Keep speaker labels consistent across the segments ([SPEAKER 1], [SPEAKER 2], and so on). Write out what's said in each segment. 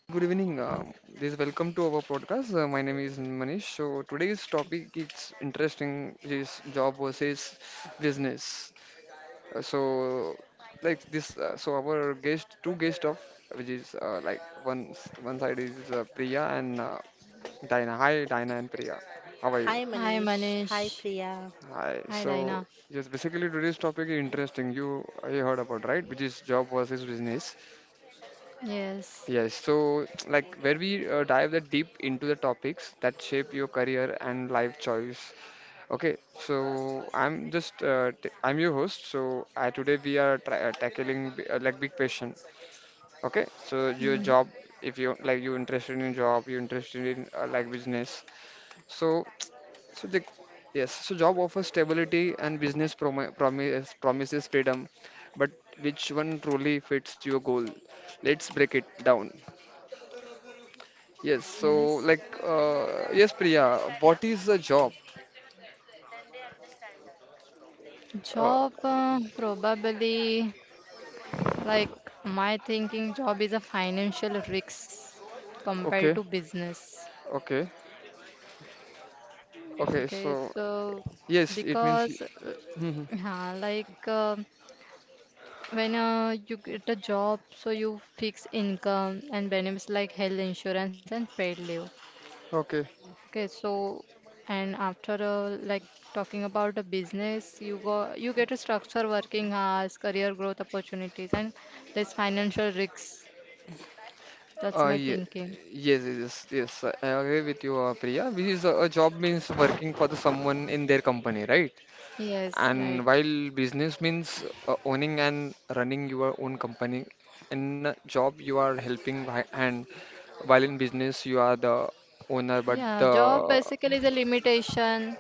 [SPEAKER 1] hi, good evening. This welcome to our podcast. My name is Manish. So today's topic is interesting is job versus business. So like this, our guest, two guest of which is like one side is Priya and Diana. Hi, Dina and Priya. How are
[SPEAKER 2] Hi
[SPEAKER 1] you?
[SPEAKER 3] Hi
[SPEAKER 2] Manish, hi
[SPEAKER 3] Manish.
[SPEAKER 2] Priya.
[SPEAKER 1] Hi.
[SPEAKER 3] Hi
[SPEAKER 1] So
[SPEAKER 3] Dina.
[SPEAKER 1] yes, basically today's topic is
[SPEAKER 2] I-
[SPEAKER 1] interesting. You heard about, right, which is job versus business.
[SPEAKER 3] Yes.
[SPEAKER 1] Yes, so like where we dive the deep into the topics that shape your career and life choice. Okay, so I'm just t I'm your host. So I today we are tra tackling like big question. Okay, so your
[SPEAKER 3] Mhm.
[SPEAKER 1] job, if you like you interested in job, you interested in like business. So so the yes, so job offers stability and business promises freedom, but which one truly fits your goal? Let's break it down. Yes, so
[SPEAKER 3] Yes.
[SPEAKER 1] like yes, Priya, what is the job? Uh,
[SPEAKER 3] Job, probably like my thinking, job is a financial risk compared
[SPEAKER 1] okay,
[SPEAKER 3] to business.
[SPEAKER 1] okay, okay.
[SPEAKER 3] Okay,
[SPEAKER 1] So
[SPEAKER 3] so
[SPEAKER 1] yes, it means
[SPEAKER 3] because
[SPEAKER 1] mhm,
[SPEAKER 3] yeah, like when you get a job, so you fix income and benefits like health insurance and paid leave.
[SPEAKER 1] okay.
[SPEAKER 3] Okay, so and after like talking about a business, you get a structure, working hours, career growth opportunities, and there's financial risks. That's my
[SPEAKER 1] Ye
[SPEAKER 3] thinking.
[SPEAKER 1] yes, yes, yes, yes, I agree with you, Priya. Which is a job means working for the someone in their company, right?
[SPEAKER 3] Yes,
[SPEAKER 1] And
[SPEAKER 3] right.
[SPEAKER 1] while business means owning and running your own company. In a job, you are helping hand. While in business, you are the owner, but
[SPEAKER 3] Yeah,
[SPEAKER 1] the
[SPEAKER 3] job basically is a limitation,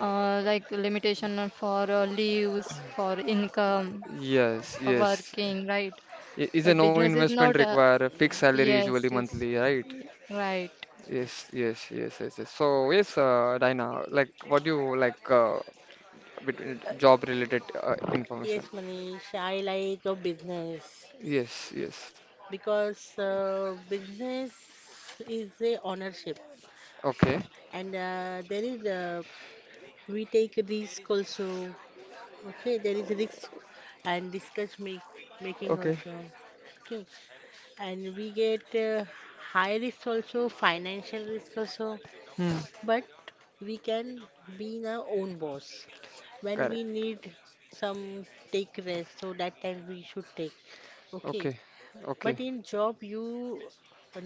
[SPEAKER 3] like limitation for leaves, for income,
[SPEAKER 1] yes,
[SPEAKER 3] for
[SPEAKER 1] yes.
[SPEAKER 3] working, right?
[SPEAKER 1] Is
[SPEAKER 3] But
[SPEAKER 1] a no
[SPEAKER 3] business is
[SPEAKER 1] investment
[SPEAKER 3] not.
[SPEAKER 1] require a fixed salary
[SPEAKER 3] Yes,
[SPEAKER 1] usually
[SPEAKER 3] it's
[SPEAKER 1] monthly, right?
[SPEAKER 3] right,
[SPEAKER 1] Yes, yes, yes, yes, yes. So yes, Dina, like what do you like between job related information?
[SPEAKER 2] Yes Manish, I like a business
[SPEAKER 1] Yes, yes.
[SPEAKER 2] because business is a ownership
[SPEAKER 1] Okay,
[SPEAKER 2] and there is we take risk also. Okay, there is risk and making
[SPEAKER 1] okay.
[SPEAKER 2] also. Okay, and we get high risk also, financial risk also,
[SPEAKER 1] Hmm.
[SPEAKER 2] but we can be in our own boss. When
[SPEAKER 1] Correct.
[SPEAKER 2] we need some take rest, so that time we should take, okay.
[SPEAKER 1] Okay, okay,
[SPEAKER 2] But in job you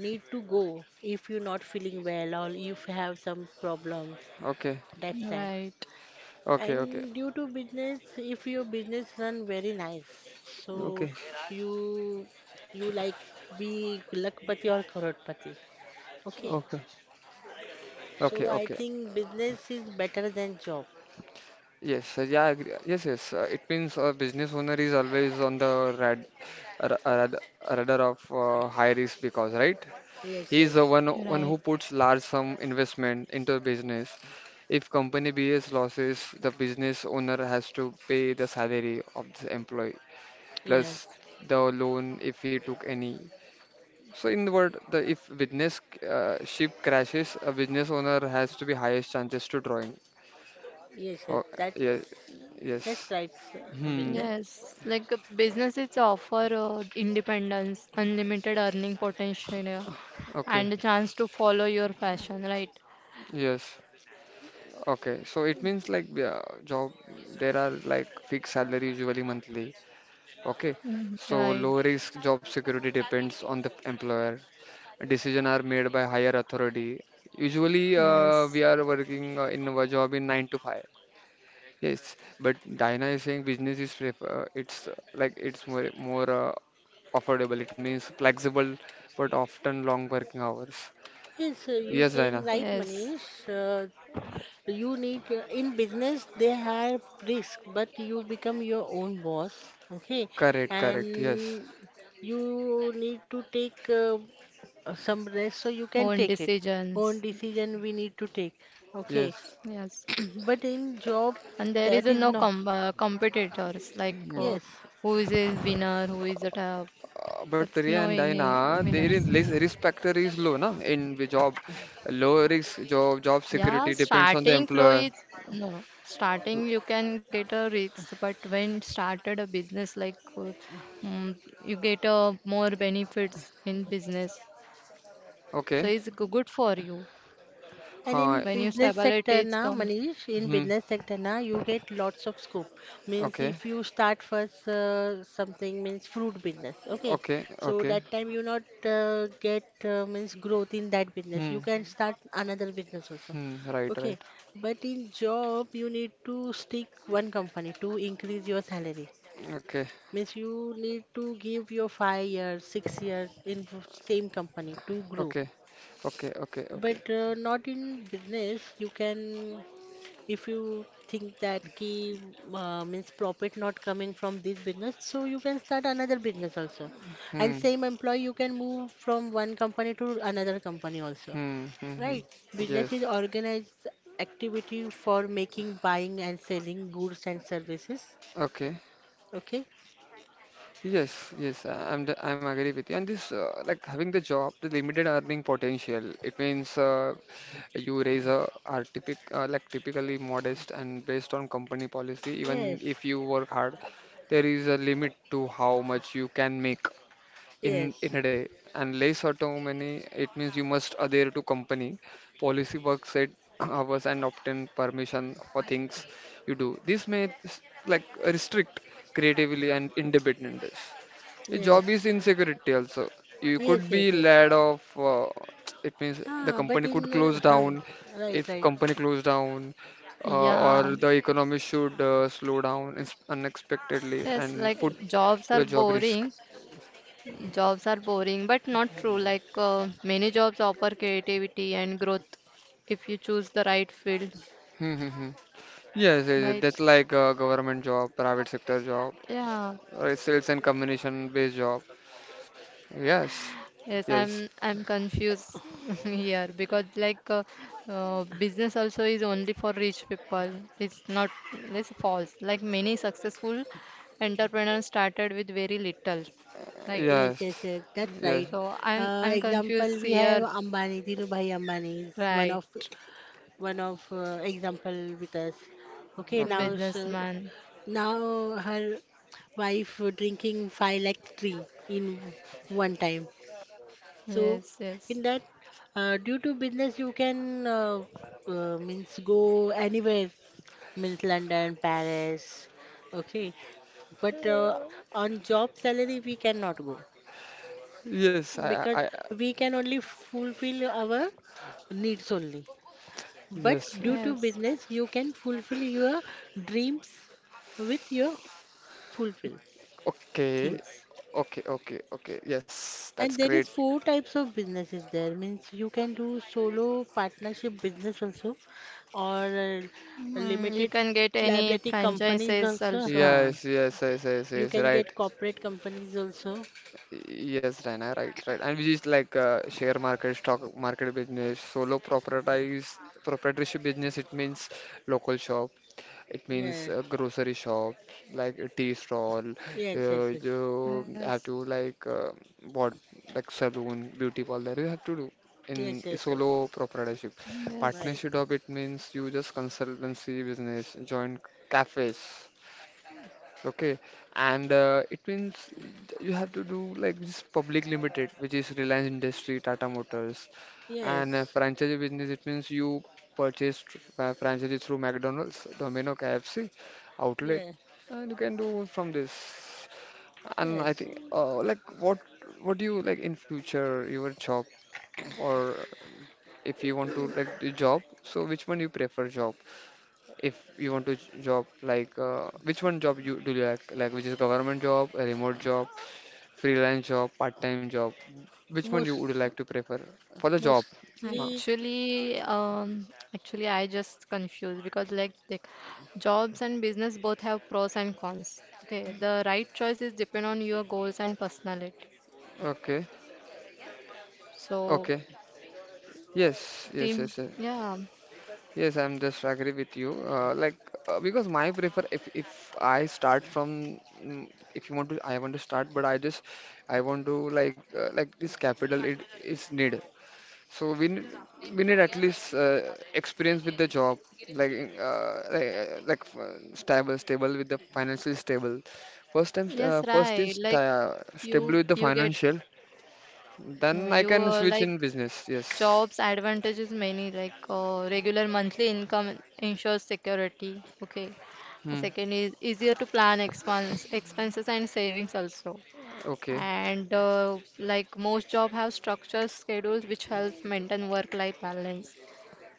[SPEAKER 2] need to go if you're not feeling well or if you have some problems,
[SPEAKER 1] okay,
[SPEAKER 2] that's time.
[SPEAKER 3] right,
[SPEAKER 1] okay, okay,
[SPEAKER 2] And due to business, if your business run very nice, so
[SPEAKER 1] okay,
[SPEAKER 2] you you like be lakpati or crorepati, okay.
[SPEAKER 1] okay,
[SPEAKER 2] So
[SPEAKER 1] okay,
[SPEAKER 2] I
[SPEAKER 1] okay.
[SPEAKER 2] think business is better than job.
[SPEAKER 1] Yes, yeah, I agree. Yes, yes. It means a business owner is always on the rad, radar of high risk because, right?
[SPEAKER 2] yes
[SPEAKER 1] He's the
[SPEAKER 2] yes
[SPEAKER 1] one who
[SPEAKER 3] right.
[SPEAKER 1] puts large sum investment into a business. If company bears losses, the business owner has to pay the salary of the employee plus
[SPEAKER 2] yes
[SPEAKER 1] the loan if he took any. So in the word, the if business ship crashes, a business owner has to be highest chances to drawing.
[SPEAKER 2] Yes, yes,
[SPEAKER 1] Oh, yeah,
[SPEAKER 2] that's
[SPEAKER 1] yes.
[SPEAKER 2] right, sir,
[SPEAKER 1] Hmm.
[SPEAKER 2] business.
[SPEAKER 3] Yes, like businesses offer independence, unlimited earning potential, yeah,
[SPEAKER 1] Okay.
[SPEAKER 3] and a chance to follow your passion, right?
[SPEAKER 1] Yes. Okay. So it means like yeah, job. There are like fixed salary usually monthly. Okay,
[SPEAKER 3] Mm,
[SPEAKER 1] so low
[SPEAKER 3] right,
[SPEAKER 1] risk job security depends on the employer. Decision are made by higher authority. Usually, we
[SPEAKER 3] yes,
[SPEAKER 1] are working in our job in nine to five. Yes, but Diana is saying business is prefer. It's like it's more more affordable. It means flexible, but often long working hours.
[SPEAKER 2] Yes, you
[SPEAKER 1] Yes,
[SPEAKER 2] saying
[SPEAKER 1] Diana.
[SPEAKER 3] yes,
[SPEAKER 2] right, Manish. You need in business they have risk, but you become your own boss, okay?
[SPEAKER 1] Correct, correct. Yes,
[SPEAKER 2] And you need to take some rest so you
[SPEAKER 3] own
[SPEAKER 2] can take it.
[SPEAKER 3] decisions,
[SPEAKER 2] Own decision we need to take, okay?
[SPEAKER 1] yes.
[SPEAKER 3] yes.
[SPEAKER 2] But in job
[SPEAKER 3] And there is
[SPEAKER 2] that
[SPEAKER 3] a
[SPEAKER 2] is
[SPEAKER 3] no
[SPEAKER 2] not.
[SPEAKER 3] competitors, like
[SPEAKER 1] Mm-hmm.
[SPEAKER 2] Yes.
[SPEAKER 3] who is a winner, who is a top.
[SPEAKER 1] But
[SPEAKER 3] That's
[SPEAKER 1] Priya
[SPEAKER 3] no
[SPEAKER 1] and
[SPEAKER 3] any
[SPEAKER 1] Diana, their
[SPEAKER 3] winners.
[SPEAKER 1] risk factor is low, na? In the job, low risk job, job
[SPEAKER 3] Yeah,
[SPEAKER 1] security depends on the
[SPEAKER 3] starting flow
[SPEAKER 1] employer.
[SPEAKER 3] is no. Starting you can get a risk, but when started a business like mm, you get a more benefits in business. So
[SPEAKER 1] Okay.
[SPEAKER 3] it's good for you
[SPEAKER 2] And
[SPEAKER 1] Huh.
[SPEAKER 2] in
[SPEAKER 3] when you
[SPEAKER 2] business sector
[SPEAKER 3] stability is
[SPEAKER 2] na,
[SPEAKER 3] come.
[SPEAKER 2] Manish, in
[SPEAKER 1] Hmm.
[SPEAKER 2] business sector na, you get lots of scope. Means
[SPEAKER 1] Okay.
[SPEAKER 2] if you start first something, means fruit business, okay?
[SPEAKER 1] Okay.
[SPEAKER 2] So
[SPEAKER 1] Okay.
[SPEAKER 2] that time you not get means growth in that business.
[SPEAKER 1] Hmm.
[SPEAKER 2] You can start another business also,
[SPEAKER 1] Hmm. Right.
[SPEAKER 2] okay?
[SPEAKER 1] Right.
[SPEAKER 2] But in job you need to stick one company to increase your salary.
[SPEAKER 1] Okay.
[SPEAKER 2] Means you need to give your 5 years, 6 years in same company to grow.
[SPEAKER 1] Okay. Okay. Okay. Okay.
[SPEAKER 2] But not in business. You can, if you think that ki means profit not coming from this business, so you can start another business also,
[SPEAKER 1] Hmm.
[SPEAKER 2] and
[SPEAKER 1] Hmm.
[SPEAKER 2] same employee you can move from one company to another company also,
[SPEAKER 1] Hmm. Hmm.
[SPEAKER 2] right.
[SPEAKER 1] Hmm.
[SPEAKER 2] Business
[SPEAKER 1] Yes.
[SPEAKER 2] is organized activity for making, buying and selling goods and services,
[SPEAKER 1] Okay.
[SPEAKER 2] okay.
[SPEAKER 1] Yes, yes, I'm the, I'm agree with you. And this like having the job, the limited earning potential. It means you raise a are typic like typically modest and based on company policy. Even
[SPEAKER 2] yes
[SPEAKER 1] if you work hard, there is a limit to how much you can make in
[SPEAKER 2] yes
[SPEAKER 1] a day, and less autonomy it means you must adhere to company policy work set hours and obtain permission for things you do. This may like restrict creativity and independence. A job is
[SPEAKER 2] yes
[SPEAKER 1] insecurity also. You could
[SPEAKER 2] yes
[SPEAKER 1] be
[SPEAKER 2] yes yes
[SPEAKER 1] laid off, it means the
[SPEAKER 2] ah but
[SPEAKER 1] company
[SPEAKER 2] in
[SPEAKER 1] could close
[SPEAKER 2] huh,
[SPEAKER 1] down.
[SPEAKER 2] Right,
[SPEAKER 1] If
[SPEAKER 2] right.
[SPEAKER 1] company close down, or
[SPEAKER 3] Yeah.
[SPEAKER 1] the economy should slow down unexpectedly
[SPEAKER 3] Yes,
[SPEAKER 1] and
[SPEAKER 3] like
[SPEAKER 1] put
[SPEAKER 2] yes
[SPEAKER 3] jobs are
[SPEAKER 1] your job risk.
[SPEAKER 3] boring. Jobs are boring, but not true. Like many jobs offer creativity and growth if you choose the right field.
[SPEAKER 1] Hmm, hmm, hmm. Yes, yes, yes,
[SPEAKER 3] Right.
[SPEAKER 1] that's like a government job, private sector job,
[SPEAKER 3] Yeah.
[SPEAKER 1] or sales and communication based job. Yes,
[SPEAKER 3] Yes,
[SPEAKER 1] yes,
[SPEAKER 3] I'm confused here because like business also is only for rich people. It's not, it's false. Like many successful entrepreneurs started with very little, right?
[SPEAKER 2] Yes, yes,
[SPEAKER 1] yes,
[SPEAKER 2] yes, that's
[SPEAKER 1] yes.
[SPEAKER 2] right.
[SPEAKER 3] So I'm I'm confused
[SPEAKER 2] Example, we
[SPEAKER 3] here,
[SPEAKER 2] have Ambani. Dhirubhai Ambani is
[SPEAKER 3] right?
[SPEAKER 2] one of example with us. Okay,
[SPEAKER 1] Okay.
[SPEAKER 3] Businessman.
[SPEAKER 2] now her wife drinking 5 lakh tea in one time. So
[SPEAKER 3] Yes, yes,
[SPEAKER 2] in that, due to business, you can means go anywhere, means London, Paris. Okay, but on job salary we cannot go,
[SPEAKER 1] Yes,
[SPEAKER 2] because we can only fulfill our needs only. But
[SPEAKER 1] yes.
[SPEAKER 2] due to
[SPEAKER 3] yes.
[SPEAKER 2] business, you can fulfill your dreams with your fulfill
[SPEAKER 1] Okay,
[SPEAKER 2] things.
[SPEAKER 1] okay, okay, okay. Yes, that's
[SPEAKER 2] And there
[SPEAKER 1] great.
[SPEAKER 2] is four types of businesses there. Means you can do solo partnership business also, or
[SPEAKER 3] Mm, you
[SPEAKER 2] limited
[SPEAKER 3] can get any
[SPEAKER 2] liability companies
[SPEAKER 3] franchises
[SPEAKER 2] also.
[SPEAKER 3] also.
[SPEAKER 2] Huh.
[SPEAKER 1] Yes, yes, yes, yes,
[SPEAKER 2] You
[SPEAKER 1] yes.
[SPEAKER 2] can
[SPEAKER 1] Right.
[SPEAKER 2] get corporate companies also.
[SPEAKER 1] Yes, Raina, right, right. And we just like share market, stock market business, solo proprietorship, proprietorship business. It means local shop. It means
[SPEAKER 2] Yeah.
[SPEAKER 1] a grocery shop, like a tea stall.
[SPEAKER 2] Yes. Yes. Yes.
[SPEAKER 3] Yes,
[SPEAKER 1] You have to like what like saloon, beauty parlor. You have to do in
[SPEAKER 2] Yes. Yes. Yes.
[SPEAKER 1] solo proprietorship.
[SPEAKER 3] yes.
[SPEAKER 2] Right.
[SPEAKER 1] Partnership job. It means you just consultancy business, joint cafes. Okay, and it means you have to do like this public limited, which is Reliance Industry, Tata Motors, and
[SPEAKER 2] Yes.
[SPEAKER 1] franchise business. It means you purchase franchises through McDonald's, Domino, KFC, outlet,
[SPEAKER 2] Yeah.
[SPEAKER 1] and you can do from this. And I
[SPEAKER 2] Yes,
[SPEAKER 1] think, like, what do you like in future your job, or if you want to like the job? So which one you prefer job? If you want to job like which one job you do you like which is government job, a remote job, freelance job, part-time job, which one you
[SPEAKER 2] most,
[SPEAKER 1] would like to prefer for the job ma.
[SPEAKER 2] mostly
[SPEAKER 3] Actually, um, actually, I just confused because like jobs and business both have pros and cons. Okay, the right choice is depend on your goals and personality.
[SPEAKER 1] Okay,
[SPEAKER 3] So,
[SPEAKER 1] okay, yes,
[SPEAKER 3] team,
[SPEAKER 1] yes, yes, yes,
[SPEAKER 3] yeah,
[SPEAKER 1] yes, I'm just agree with you, like because my prefer if I start from, mm, if you want to I want to start but I just I want to like this capital it is need. So we need at least experience with the job, like, stable with the financially stable. First time,
[SPEAKER 3] yes,
[SPEAKER 1] first is
[SPEAKER 3] right. Like you,
[SPEAKER 1] stable with the
[SPEAKER 3] you get
[SPEAKER 1] financial. Then
[SPEAKER 3] no,
[SPEAKER 1] I
[SPEAKER 3] you
[SPEAKER 1] can switch
[SPEAKER 3] like
[SPEAKER 1] in business. Yes.
[SPEAKER 3] jobs advantages many like regular monthly income ensures security. Okay, and
[SPEAKER 1] Hmm.
[SPEAKER 3] second is easier to plan expenses and savings also.
[SPEAKER 1] Okay.
[SPEAKER 3] And like most job have structured schedules which helps maintain work-life balance.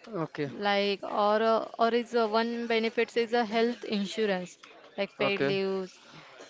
[SPEAKER 1] Okay.
[SPEAKER 3] Like or is one benefits is a health insurance like paid
[SPEAKER 1] Okay.
[SPEAKER 3] leaves,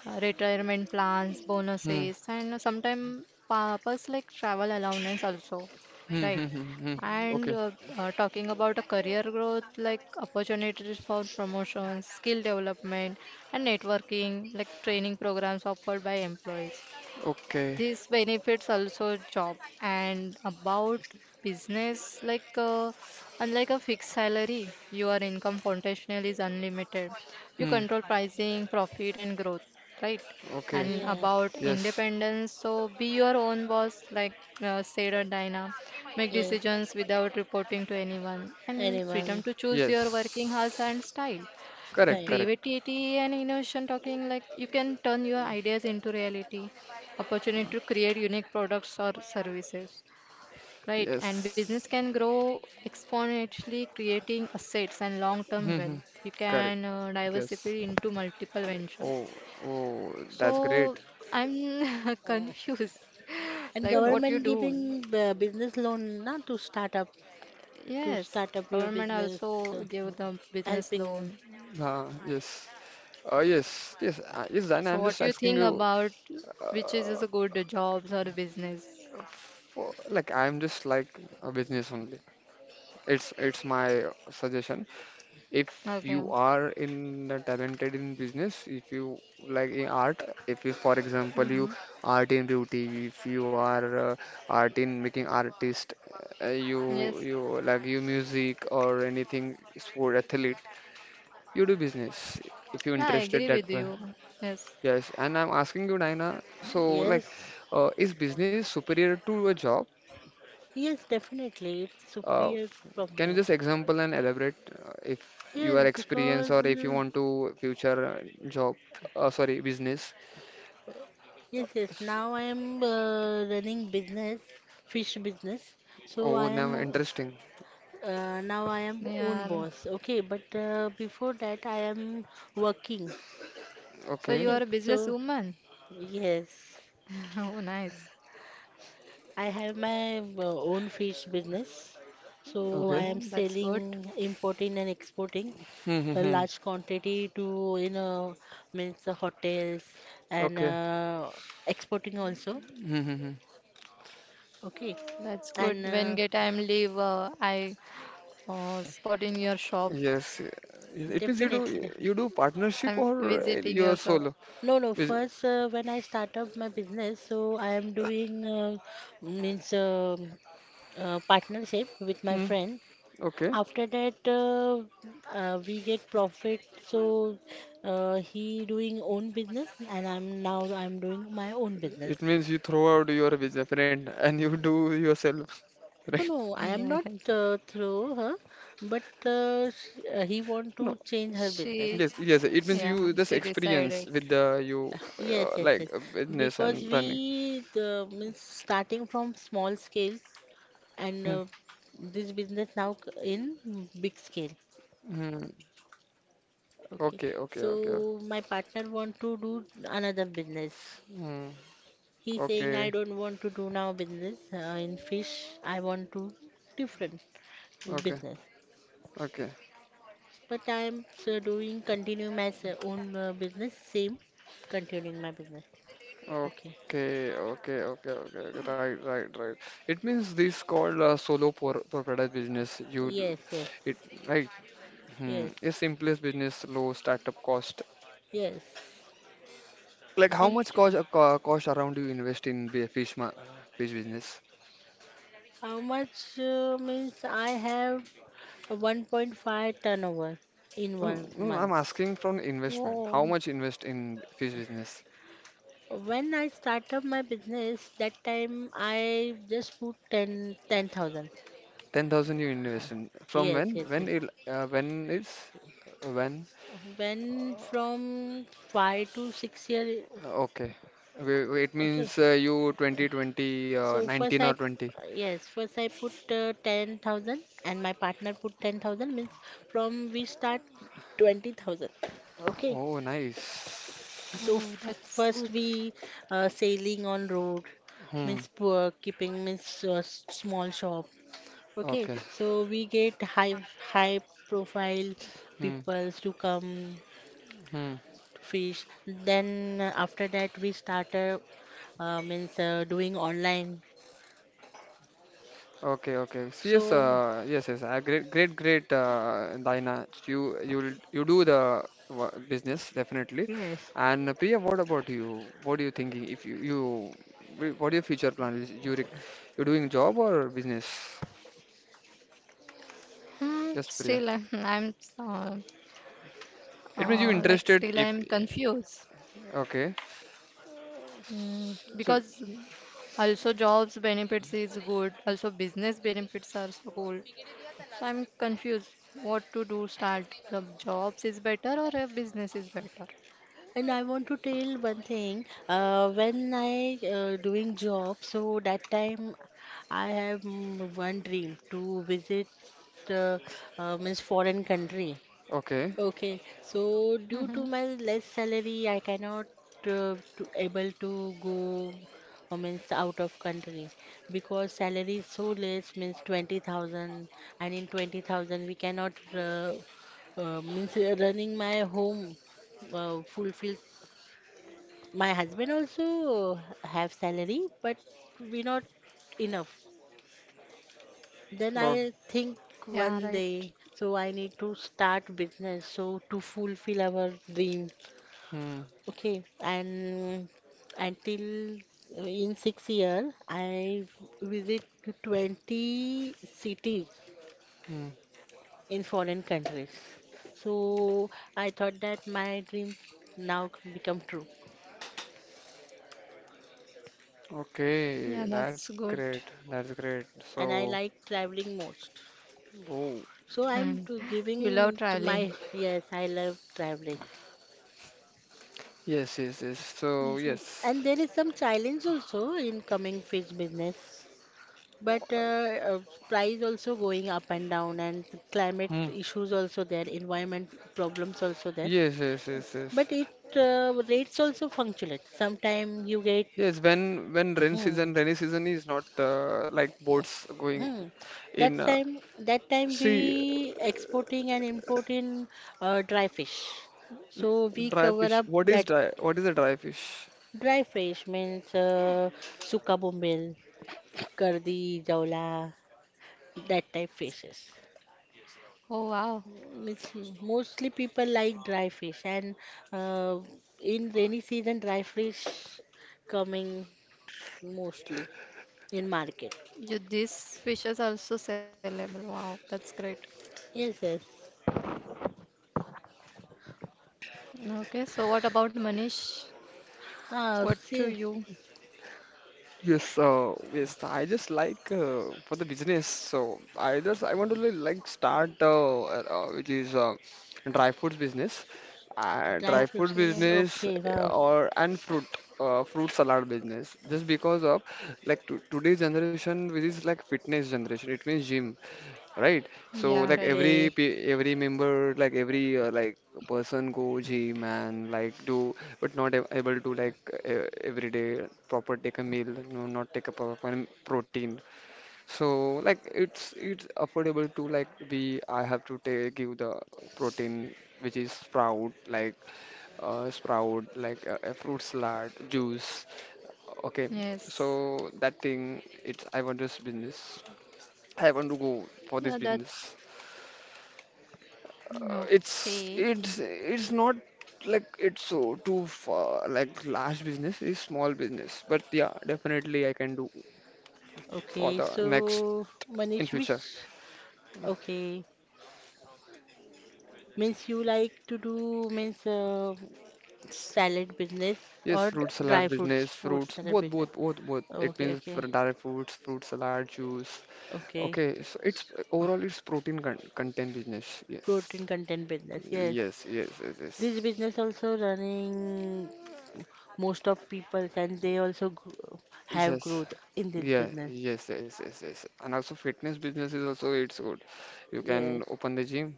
[SPEAKER 3] retirement plans,
[SPEAKER 1] Hmm.
[SPEAKER 3] bonuses, and sometimes purpose like travel allowance also,
[SPEAKER 1] Hmm.
[SPEAKER 3] right?
[SPEAKER 1] Hmm. Hmm. Hmm. Hmm.
[SPEAKER 3] And
[SPEAKER 1] Okay.
[SPEAKER 3] talking about a career growth, like opportunities for promotions, skill development, and networking, like training programs offered by employees.
[SPEAKER 1] Okay.
[SPEAKER 3] This benefits also job and about business like unlike a fixed salary, your income potential is unlimited. You
[SPEAKER 1] Hmm.
[SPEAKER 3] control pricing, profit and growth, right?
[SPEAKER 1] Okay.
[SPEAKER 3] And about
[SPEAKER 2] yes,
[SPEAKER 1] Yes.
[SPEAKER 3] independence, so be your own boss, like said Dinah. Make
[SPEAKER 2] yes,
[SPEAKER 3] decisions without reporting to anyone, and freedom
[SPEAKER 2] anyone
[SPEAKER 3] to choose your working hours
[SPEAKER 1] Yes.
[SPEAKER 3] and style. And
[SPEAKER 1] Correct.
[SPEAKER 2] time.
[SPEAKER 1] Correct.
[SPEAKER 3] creativity and innovation, talking like you can turn your ideas into reality opportunity to create unique products or services, right? And business
[SPEAKER 1] Yes.
[SPEAKER 3] can grow exponentially, creating assets and long-term
[SPEAKER 1] Hmm. Hmm.
[SPEAKER 3] wealth. You
[SPEAKER 1] Correct.
[SPEAKER 3] can diversify
[SPEAKER 1] Yes.
[SPEAKER 3] into multiple ventures.
[SPEAKER 1] Oh, oh, that's
[SPEAKER 3] So
[SPEAKER 1] great.
[SPEAKER 3] I'm confused,
[SPEAKER 2] And
[SPEAKER 1] No,
[SPEAKER 3] like
[SPEAKER 1] no.
[SPEAKER 3] what you
[SPEAKER 2] government
[SPEAKER 3] do.
[SPEAKER 2] giving business loan na to
[SPEAKER 3] Yes,
[SPEAKER 2] start up your
[SPEAKER 3] government
[SPEAKER 2] business,
[SPEAKER 3] also
[SPEAKER 2] uh,
[SPEAKER 3] give the business
[SPEAKER 2] helping.
[SPEAKER 3] loan.
[SPEAKER 1] Ah, yes. Yes, yes, yes. And
[SPEAKER 3] So
[SPEAKER 1] I'm
[SPEAKER 3] what
[SPEAKER 1] just
[SPEAKER 3] do you
[SPEAKER 1] asking
[SPEAKER 3] think
[SPEAKER 1] you,
[SPEAKER 3] about which is
[SPEAKER 1] uh,
[SPEAKER 3] is a good jobs or business?
[SPEAKER 1] for like I'm just like a business only. It's my suggestion. If
[SPEAKER 3] Okay.
[SPEAKER 1] you are in the talented in business, if you like in art, if you, for example, you
[SPEAKER 3] Mm-hmm.
[SPEAKER 1] art in beauty, if you are uh, art in making artist, you
[SPEAKER 3] Yes.
[SPEAKER 1] you like you music or anything sport athlete. You do business if you're
[SPEAKER 3] Yeah, I
[SPEAKER 1] interested
[SPEAKER 3] agree with
[SPEAKER 1] that way.
[SPEAKER 3] you. Yes.
[SPEAKER 1] Yes, and I'm asking you, Naina, so like,
[SPEAKER 2] Yes,
[SPEAKER 1] is business superior to a job?
[SPEAKER 2] yes, definitely, it's
[SPEAKER 1] Uh,
[SPEAKER 2] superior from
[SPEAKER 1] can you
[SPEAKER 2] job.
[SPEAKER 1] just example and elaborate if you are
[SPEAKER 2] Yes,
[SPEAKER 1] experienced
[SPEAKER 2] because
[SPEAKER 1] or if you want to future job, sorry, business?
[SPEAKER 2] yes, yes.
[SPEAKER 1] S-
[SPEAKER 2] Now I am running business, fish business. So
[SPEAKER 1] oh,
[SPEAKER 2] I
[SPEAKER 1] now
[SPEAKER 2] am.
[SPEAKER 1] interesting.
[SPEAKER 2] Now I am own
[SPEAKER 3] Yeah.
[SPEAKER 2] boss. Okay, but before that I am working.
[SPEAKER 3] So you
[SPEAKER 1] Okay,
[SPEAKER 2] Okay,
[SPEAKER 3] are a
[SPEAKER 2] so
[SPEAKER 3] businesswoman.
[SPEAKER 2] yes,
[SPEAKER 3] Oh, nice.
[SPEAKER 2] I have my own fish business. So I
[SPEAKER 1] okay.
[SPEAKER 2] am
[SPEAKER 3] Oh, that's good.
[SPEAKER 2] selling, importing and exporting
[SPEAKER 1] Hmm, hmm,
[SPEAKER 2] a
[SPEAKER 1] hmm.
[SPEAKER 2] large quantity, to you know means hotels and
[SPEAKER 1] Okay.
[SPEAKER 2] exporting also.
[SPEAKER 1] Hmm, hmm, hmm.
[SPEAKER 2] Okay,
[SPEAKER 3] That's
[SPEAKER 2] and
[SPEAKER 3] good. When get time leave, I spot in your shop.
[SPEAKER 1] Yes. It means
[SPEAKER 2] definitely, definitely.
[SPEAKER 1] you do partnership
[SPEAKER 3] I'm
[SPEAKER 1] or
[SPEAKER 3] visiting
[SPEAKER 1] you're
[SPEAKER 3] your shop.
[SPEAKER 1] solo?
[SPEAKER 2] No, no.
[SPEAKER 1] Bus-
[SPEAKER 2] First, when I start up my business, so I am doing means partnership with my
[SPEAKER 1] hmm.
[SPEAKER 2] friend.
[SPEAKER 1] Okay.
[SPEAKER 2] After that, we get profit. So he doing own business, and I'm now I'm doing my own business.
[SPEAKER 1] It means you throw out your business friend and you do yourself,
[SPEAKER 2] No,
[SPEAKER 1] right?
[SPEAKER 2] no, I am not
[SPEAKER 3] Yes.
[SPEAKER 2] through her, but sh he want
[SPEAKER 1] No,
[SPEAKER 2] to change her business.
[SPEAKER 3] She,
[SPEAKER 1] yes, yes. It means
[SPEAKER 3] yeah,
[SPEAKER 1] you just
[SPEAKER 3] she
[SPEAKER 1] experience
[SPEAKER 3] decided.
[SPEAKER 1] with the you
[SPEAKER 2] Yes, yes, yes.
[SPEAKER 1] like business
[SPEAKER 2] Because
[SPEAKER 1] and running.
[SPEAKER 2] we the, means starting from small scales. And
[SPEAKER 1] Hmm.
[SPEAKER 2] this business now in big scale.
[SPEAKER 1] Hmm.
[SPEAKER 2] Okay,
[SPEAKER 1] Okay. Okay. Okay.
[SPEAKER 2] so my partner want to do another business.
[SPEAKER 1] Hmm.
[SPEAKER 2] He's saying I
[SPEAKER 1] Okay.
[SPEAKER 2] don't want to do now business in fish. I want to different
[SPEAKER 1] Okay.
[SPEAKER 2] business.
[SPEAKER 1] Okay. Okay.
[SPEAKER 2] But I am so doing, continue my own business, same continuing my business. Okay.
[SPEAKER 1] Okay. Okay. Okay, okay. Right. Right. Right. It means this called solo proprietor business. You, d-
[SPEAKER 2] Yes, yes,
[SPEAKER 1] it right. Hmm.
[SPEAKER 2] yes,
[SPEAKER 1] A simplest business, low startup cost.
[SPEAKER 2] yes.
[SPEAKER 1] Like how
[SPEAKER 2] And
[SPEAKER 1] much
[SPEAKER 2] uh,
[SPEAKER 1] cost cost around you invest in the fish ma fish business?
[SPEAKER 2] how much means I have 1.5 turnover in one
[SPEAKER 1] I'm
[SPEAKER 2] month.
[SPEAKER 1] asking from investment.
[SPEAKER 3] Oh,
[SPEAKER 1] How much invest in fish business?
[SPEAKER 2] When I start up my business, that time I just put 10 10,000.
[SPEAKER 1] 10,000 you invest in. From
[SPEAKER 2] Yes,
[SPEAKER 1] when?
[SPEAKER 2] yes,
[SPEAKER 1] When
[SPEAKER 2] yes.
[SPEAKER 1] it when is when?
[SPEAKER 2] When from 5 to 6 year,
[SPEAKER 1] Okay. Wait, wait, it
[SPEAKER 2] okay.
[SPEAKER 1] means you 2020
[SPEAKER 2] So
[SPEAKER 1] 19
[SPEAKER 2] first
[SPEAKER 1] or
[SPEAKER 2] I,
[SPEAKER 1] 20.
[SPEAKER 2] yes, first I put 10,000 and my partner put 10,000, means from we start 20,000. Okay,
[SPEAKER 1] Oh, nice.
[SPEAKER 2] so f
[SPEAKER 3] oh, that's
[SPEAKER 2] first
[SPEAKER 3] good.
[SPEAKER 2] we sailing on road,
[SPEAKER 1] Hmm.
[SPEAKER 2] means poor keeping means small shop, okay.
[SPEAKER 1] Okay.
[SPEAKER 2] So we get high high profile
[SPEAKER 1] Hmm.
[SPEAKER 2] peoples to come
[SPEAKER 1] Hmm.
[SPEAKER 2] to fish. Then after that we started means doing online.
[SPEAKER 1] Okay, okay. So, yes,
[SPEAKER 2] So
[SPEAKER 1] yes, yes. Great, great, great, Dina. You do the business definitely.
[SPEAKER 2] yes.
[SPEAKER 1] And Priya, what about you? What are you thinking? If you, you, wh- what are your future plans? You, rec- you're doing job or business?
[SPEAKER 3] Hmm, still,
[SPEAKER 1] Yes,
[SPEAKER 3] I'm,
[SPEAKER 1] Priya.
[SPEAKER 3] I'm uh,
[SPEAKER 1] It means you
[SPEAKER 3] like still
[SPEAKER 1] interested
[SPEAKER 3] I'm
[SPEAKER 1] if,
[SPEAKER 3] confused.
[SPEAKER 1] okay.
[SPEAKER 3] Mm,
[SPEAKER 1] S- so,
[SPEAKER 3] because also, jobs benefits is good. Also, business benefits are so cool. So I'm confused what to do start. The jobs is better or a business is better?
[SPEAKER 2] And I want to tell one thing. When I doing job, so that time I have one dream to visit uh, means foreign country.
[SPEAKER 1] okay.
[SPEAKER 2] Okay, so due to
[SPEAKER 3] Hmm.
[SPEAKER 2] my less salary, I cannot to able to go means out of country, because salary is so less, means 20,000. And in 20,000 we cannot means running my home fulfills. My husband also have salary, but we not enough. Then
[SPEAKER 1] Oh,
[SPEAKER 2] I
[SPEAKER 3] Yeah,
[SPEAKER 2] think
[SPEAKER 3] right.
[SPEAKER 2] one day so I need to start business so to fulfill our dream.
[SPEAKER 1] hmm,
[SPEAKER 2] Okay, and until in 6 year, I visit 20 cities
[SPEAKER 1] hmm.
[SPEAKER 2] in foreign countries. So I thought that my dream now become true.
[SPEAKER 1] Okay,
[SPEAKER 3] Yeah,
[SPEAKER 1] that's
[SPEAKER 3] that's good.
[SPEAKER 1] great. That's great.
[SPEAKER 2] And I
[SPEAKER 1] So,
[SPEAKER 2] like traveling most.
[SPEAKER 1] oh,
[SPEAKER 2] So I'm
[SPEAKER 3] Hmm.
[SPEAKER 2] to
[SPEAKER 3] You love
[SPEAKER 2] giving to
[SPEAKER 3] traveling.
[SPEAKER 2] my, yes, I love traveling.
[SPEAKER 1] yes, yes, yes. So,
[SPEAKER 3] Yes,
[SPEAKER 1] yes.
[SPEAKER 3] yes.
[SPEAKER 2] And there is some challenge also in coming fish business. But price also going up and down, and the climate
[SPEAKER 1] Mm.
[SPEAKER 2] issues also there, environment problems also there.
[SPEAKER 1] Yes, yes, yes, yes.
[SPEAKER 2] But it rates also fluctuate. Sometime you get.
[SPEAKER 1] Yes, when rain
[SPEAKER 2] Hmm,
[SPEAKER 1] season, rainy season is not like boats going
[SPEAKER 2] hmm. That
[SPEAKER 1] in.
[SPEAKER 2] time that time
[SPEAKER 1] See,
[SPEAKER 2] we exporting and importing dry fish, so we
[SPEAKER 1] dry
[SPEAKER 2] cover
[SPEAKER 1] fish.
[SPEAKER 2] up
[SPEAKER 1] What is
[SPEAKER 2] that
[SPEAKER 1] dry? What is a dry fish?
[SPEAKER 2] dry fish, means suka bombel, kardi, jawla, that type fishes.
[SPEAKER 3] Oh wow.
[SPEAKER 2] It's mostly people like dry fish. And uh, in rainy season, dry fish coming mostly in market.
[SPEAKER 3] You this fish is also sellable. Wow, that's great.
[SPEAKER 2] Yes, yes.
[SPEAKER 3] Okay, so what about Manish?
[SPEAKER 2] Ah,
[SPEAKER 3] What do
[SPEAKER 2] see,
[SPEAKER 3] you?
[SPEAKER 1] Yes, yes. I just like for the business. So I just I want to like start, which is dry foods business,
[SPEAKER 2] dry
[SPEAKER 1] dry food
[SPEAKER 2] fish.
[SPEAKER 3] Okay.
[SPEAKER 1] business,
[SPEAKER 2] Okay, wow.
[SPEAKER 1] or and fruit, fruit salad business. Just because of like to today's generation which is like fitness generation it means gym, right? So like
[SPEAKER 3] Yeah, right.
[SPEAKER 1] every
[SPEAKER 2] Okay,
[SPEAKER 1] every member like every like person go gym and like do but not able to like every day proper take a meal, no not take a proper protein. So like it's affordable to like we I have to take give the protein which is sprout like a fruit salad juice. Okay,
[SPEAKER 3] Yes.
[SPEAKER 1] so that thing it's I want this business. I want to go for
[SPEAKER 3] Yeah,
[SPEAKER 1] this
[SPEAKER 3] that
[SPEAKER 1] business.
[SPEAKER 3] okay.
[SPEAKER 1] It's not like it's so too far like large business is small business but yeah definitely I can do for
[SPEAKER 2] okay.
[SPEAKER 1] the next
[SPEAKER 2] So,
[SPEAKER 1] in
[SPEAKER 2] Manish,
[SPEAKER 1] future.
[SPEAKER 2] which? Okay, means you like to do, means salad business
[SPEAKER 1] Yes,
[SPEAKER 2] or
[SPEAKER 1] fruit salad
[SPEAKER 2] dry fruits
[SPEAKER 1] business,
[SPEAKER 2] food
[SPEAKER 1] fruits,
[SPEAKER 2] salad
[SPEAKER 1] both,
[SPEAKER 2] business?
[SPEAKER 1] both, both, both. It
[SPEAKER 2] Okay,
[SPEAKER 1] means for
[SPEAKER 2] okay,
[SPEAKER 1] direct foods, fruit salad, juice.
[SPEAKER 2] okay.
[SPEAKER 1] Okay, so it's overall it's protein con content business. Yes,
[SPEAKER 2] Protein content business. Yes.
[SPEAKER 1] yes, yes, yes, yes,
[SPEAKER 2] This business also running most of people, and they also have
[SPEAKER 1] yes,
[SPEAKER 2] growth in this
[SPEAKER 1] yeah,
[SPEAKER 2] business.
[SPEAKER 1] yes, yes, yes, yes. And also fitness business is also it's good. You can
[SPEAKER 2] Yes.
[SPEAKER 1] open the gym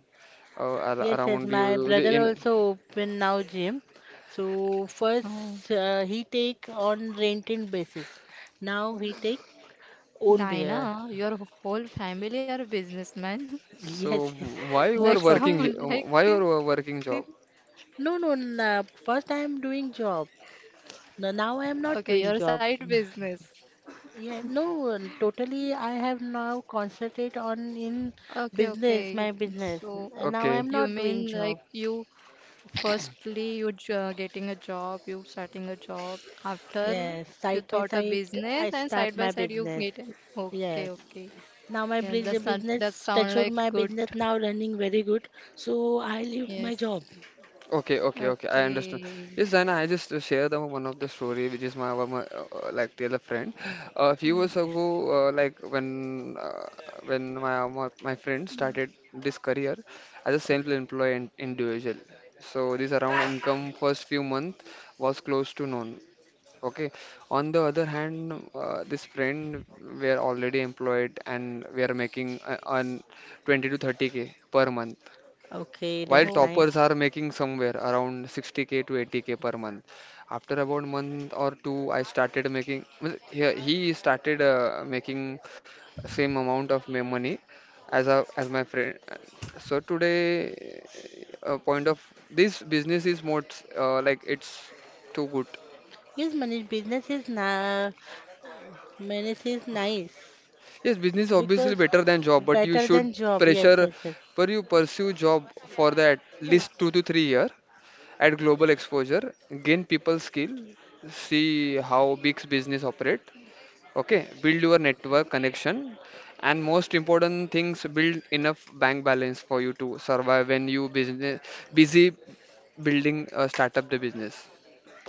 [SPEAKER 2] Yes, yes,
[SPEAKER 1] around
[SPEAKER 2] my
[SPEAKER 1] you you
[SPEAKER 2] brother
[SPEAKER 1] in.
[SPEAKER 2] also open now gym. So first
[SPEAKER 3] Oh,
[SPEAKER 2] he take on rented basis. Now he take own beer.
[SPEAKER 3] Dinah, your whole family are businessmen.
[SPEAKER 1] So
[SPEAKER 2] Yes, yes,
[SPEAKER 1] why you are
[SPEAKER 3] Like
[SPEAKER 2] most of.
[SPEAKER 1] working?
[SPEAKER 3] sound like
[SPEAKER 1] Why you are working job?
[SPEAKER 2] No, no, no. First I am doing job. No, now I am not
[SPEAKER 3] okay,
[SPEAKER 2] doing
[SPEAKER 3] your
[SPEAKER 2] job.
[SPEAKER 3] side business.
[SPEAKER 2] Yeah, no, totally. I have now concentrate on in
[SPEAKER 3] Okay,
[SPEAKER 2] business,
[SPEAKER 3] okay.
[SPEAKER 2] my business.
[SPEAKER 3] So
[SPEAKER 2] And now
[SPEAKER 1] Okay.
[SPEAKER 2] I'm
[SPEAKER 3] you
[SPEAKER 2] not doing
[SPEAKER 3] mean
[SPEAKER 2] job.
[SPEAKER 3] like you firstly getting a job, you starting a job. After
[SPEAKER 2] Yes,
[SPEAKER 3] you
[SPEAKER 2] side by
[SPEAKER 3] thought a
[SPEAKER 2] side, I
[SPEAKER 3] business and side
[SPEAKER 2] start
[SPEAKER 3] by
[SPEAKER 2] my
[SPEAKER 3] side you
[SPEAKER 2] business.
[SPEAKER 3] get okay,
[SPEAKER 2] Yes.
[SPEAKER 3] okay.
[SPEAKER 2] Now my
[SPEAKER 3] Yeah, that sound
[SPEAKER 2] business,
[SPEAKER 3] that sound
[SPEAKER 2] stature
[SPEAKER 3] like
[SPEAKER 2] my
[SPEAKER 3] good.
[SPEAKER 2] business now running very good. So I leave my
[SPEAKER 3] Yes.
[SPEAKER 2] job.
[SPEAKER 1] Okay, okay, okay. I understand.
[SPEAKER 3] Okay.
[SPEAKER 1] Yes, Zaina, I just share the one of the story, which is my, one of my like the other friend. A few
[SPEAKER 3] Mm.
[SPEAKER 1] years ago, like when my friend started this career as a self-employed individual. So this around income first few month was close to none. Okay. On the other hand, this friend were already employed and we are making on 20 to 30K per month
[SPEAKER 2] Okay,
[SPEAKER 1] while
[SPEAKER 2] that's
[SPEAKER 3] Oh,
[SPEAKER 1] toppers
[SPEAKER 2] nice.
[SPEAKER 1] are making somewhere around 60K to 80K per month. After about month or two I started making well, he started making same amount of money as a as my friend. So today a point of this business is more, like it's too good.
[SPEAKER 2] Yes, manage business is na business is nice
[SPEAKER 1] Yes, business obviously
[SPEAKER 2] because
[SPEAKER 1] better than job, but you
[SPEAKER 2] better than
[SPEAKER 1] should
[SPEAKER 2] job. Yes,
[SPEAKER 1] pressure
[SPEAKER 2] yes, yes,
[SPEAKER 1] but you pursue job for that least two
[SPEAKER 2] yes,
[SPEAKER 1] to three year at global exposure, gain people skill, see how big business operate, okay, build your network connection, and most important things, build enough bank balance for you to survive when you business busy building a startup the business.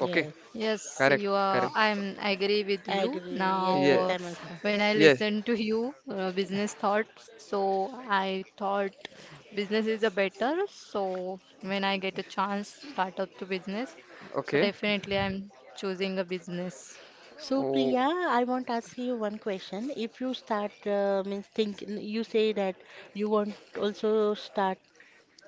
[SPEAKER 1] Okay,
[SPEAKER 3] yes,
[SPEAKER 1] correct,
[SPEAKER 3] you
[SPEAKER 1] correct.
[SPEAKER 3] are. I agree with
[SPEAKER 2] I
[SPEAKER 3] you.
[SPEAKER 2] agree. Yes,
[SPEAKER 3] Now,
[SPEAKER 2] yes,
[SPEAKER 1] Yeah,
[SPEAKER 3] uh,
[SPEAKER 2] I'm also.
[SPEAKER 3] when I
[SPEAKER 1] yes,
[SPEAKER 3] listen to you, business thought, so I thought business is a better. So when I get a chance, start up to business. So
[SPEAKER 1] okay.
[SPEAKER 3] definitely, I'm choosing a business.
[SPEAKER 2] So,
[SPEAKER 1] Oh,
[SPEAKER 2] Priya, I want to ask you one question. If you start, means think, you say that you want also start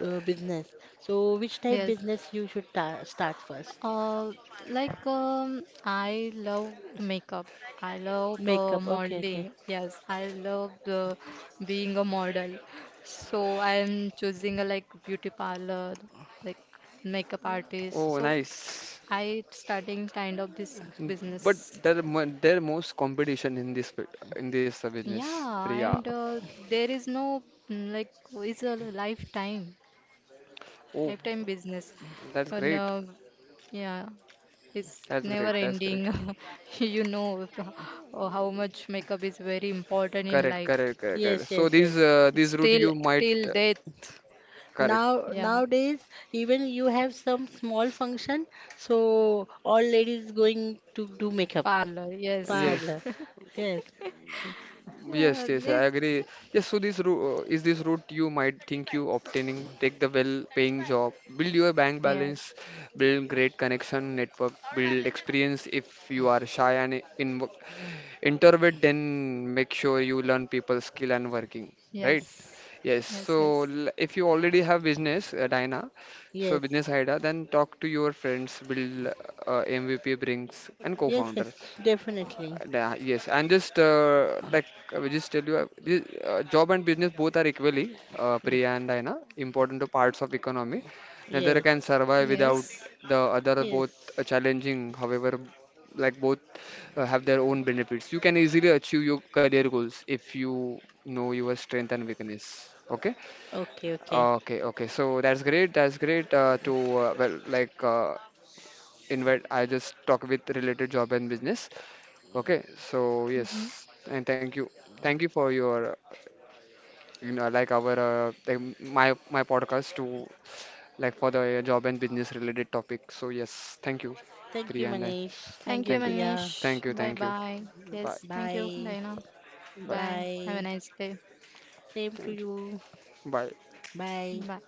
[SPEAKER 2] business. So, which type
[SPEAKER 3] Yes.
[SPEAKER 2] business you should ta start first?
[SPEAKER 3] Uh, like I love makeup. I love
[SPEAKER 2] Makeup. Okay, okay.
[SPEAKER 3] modeling. Yes, I love the being a model. So I am choosing a like beauty parlor, like makeup artist.
[SPEAKER 1] oh,
[SPEAKER 3] So
[SPEAKER 1] nice.
[SPEAKER 3] I starting kind of this
[SPEAKER 1] N- but
[SPEAKER 3] business.
[SPEAKER 1] there are there are most competition in this bit in this business,
[SPEAKER 3] Yeah,
[SPEAKER 1] Priya.
[SPEAKER 3] and there is no like is a lifetime.
[SPEAKER 1] Oh,
[SPEAKER 3] Lifetime business.
[SPEAKER 1] that's
[SPEAKER 3] And
[SPEAKER 1] great.
[SPEAKER 3] No, yeah, it's
[SPEAKER 1] That's
[SPEAKER 3] never
[SPEAKER 1] great. That's
[SPEAKER 3] ending.
[SPEAKER 1] great.
[SPEAKER 3] You know oh, how much makeup is very important in
[SPEAKER 1] Correct,
[SPEAKER 3] life.
[SPEAKER 1] correct, correct, correct.
[SPEAKER 2] Yes,
[SPEAKER 1] So
[SPEAKER 2] yes, yes.
[SPEAKER 1] these route
[SPEAKER 3] Still,
[SPEAKER 1] you
[SPEAKER 3] till
[SPEAKER 1] might
[SPEAKER 3] till death.
[SPEAKER 1] correct.
[SPEAKER 2] Now,
[SPEAKER 3] Yeah,
[SPEAKER 2] nowadays, even you have some small function, so all ladies going to do makeup
[SPEAKER 3] parlor. Yes.
[SPEAKER 1] Yes,
[SPEAKER 2] parlor. Yes,
[SPEAKER 1] yes,
[SPEAKER 3] Yeah,
[SPEAKER 1] yes, I
[SPEAKER 3] this.
[SPEAKER 1] agree. Yes, so this route is this route you might think you obtaining. Take the well-paying job, build your bank
[SPEAKER 3] Yes,
[SPEAKER 1] balance, build great connection network, build experience. If you are shy and in introvert, then make sure you learn people skill and working, right?
[SPEAKER 3] yes,
[SPEAKER 1] Yes.
[SPEAKER 3] yes,
[SPEAKER 1] So
[SPEAKER 3] yes,
[SPEAKER 1] if you already have business, Dina, so
[SPEAKER 2] yes,
[SPEAKER 1] business idea, then talk to your friends, build MVP brings and
[SPEAKER 2] yes,
[SPEAKER 1] co-founder.
[SPEAKER 2] yes, definitely.
[SPEAKER 1] Yeah, yes, and just like I will just tell you, this, job and business both are equally,
[SPEAKER 2] Yes,
[SPEAKER 1] Priya and Diana, important to parts of economy.
[SPEAKER 3] yes.
[SPEAKER 1] Neither
[SPEAKER 2] yes.
[SPEAKER 1] can survive without the other both
[SPEAKER 2] Yes.
[SPEAKER 1] challenging. However, like both have their own benefits. You can easily achieve your career goals if you know your strength and weakness. Okay.
[SPEAKER 2] Okay, okay.
[SPEAKER 1] Okay, okay. So that's great. That's great to well, like invite. I just talk with related job and business. Okay, so
[SPEAKER 3] Hmm.
[SPEAKER 1] yes, and thank you for your, you know, like our like my my podcast to like for the job and business related topic. So yes, thank you,
[SPEAKER 2] Thank you,
[SPEAKER 1] Priya, and
[SPEAKER 2] Manish. Thank
[SPEAKER 3] Thank you,
[SPEAKER 2] you,
[SPEAKER 1] thank you,
[SPEAKER 2] Priya.
[SPEAKER 3] Manish.
[SPEAKER 1] thank you,
[SPEAKER 3] Bye
[SPEAKER 1] thank you.
[SPEAKER 3] bye.
[SPEAKER 1] Bye,
[SPEAKER 3] Yes, thank you,
[SPEAKER 2] Bye.
[SPEAKER 3] Diana.
[SPEAKER 1] bye,
[SPEAKER 3] Bye. Have a
[SPEAKER 2] Bye.
[SPEAKER 3] nice day.
[SPEAKER 2] Same to
[SPEAKER 1] thank
[SPEAKER 2] you.
[SPEAKER 1] you, bye.
[SPEAKER 2] Bye.
[SPEAKER 3] Bye.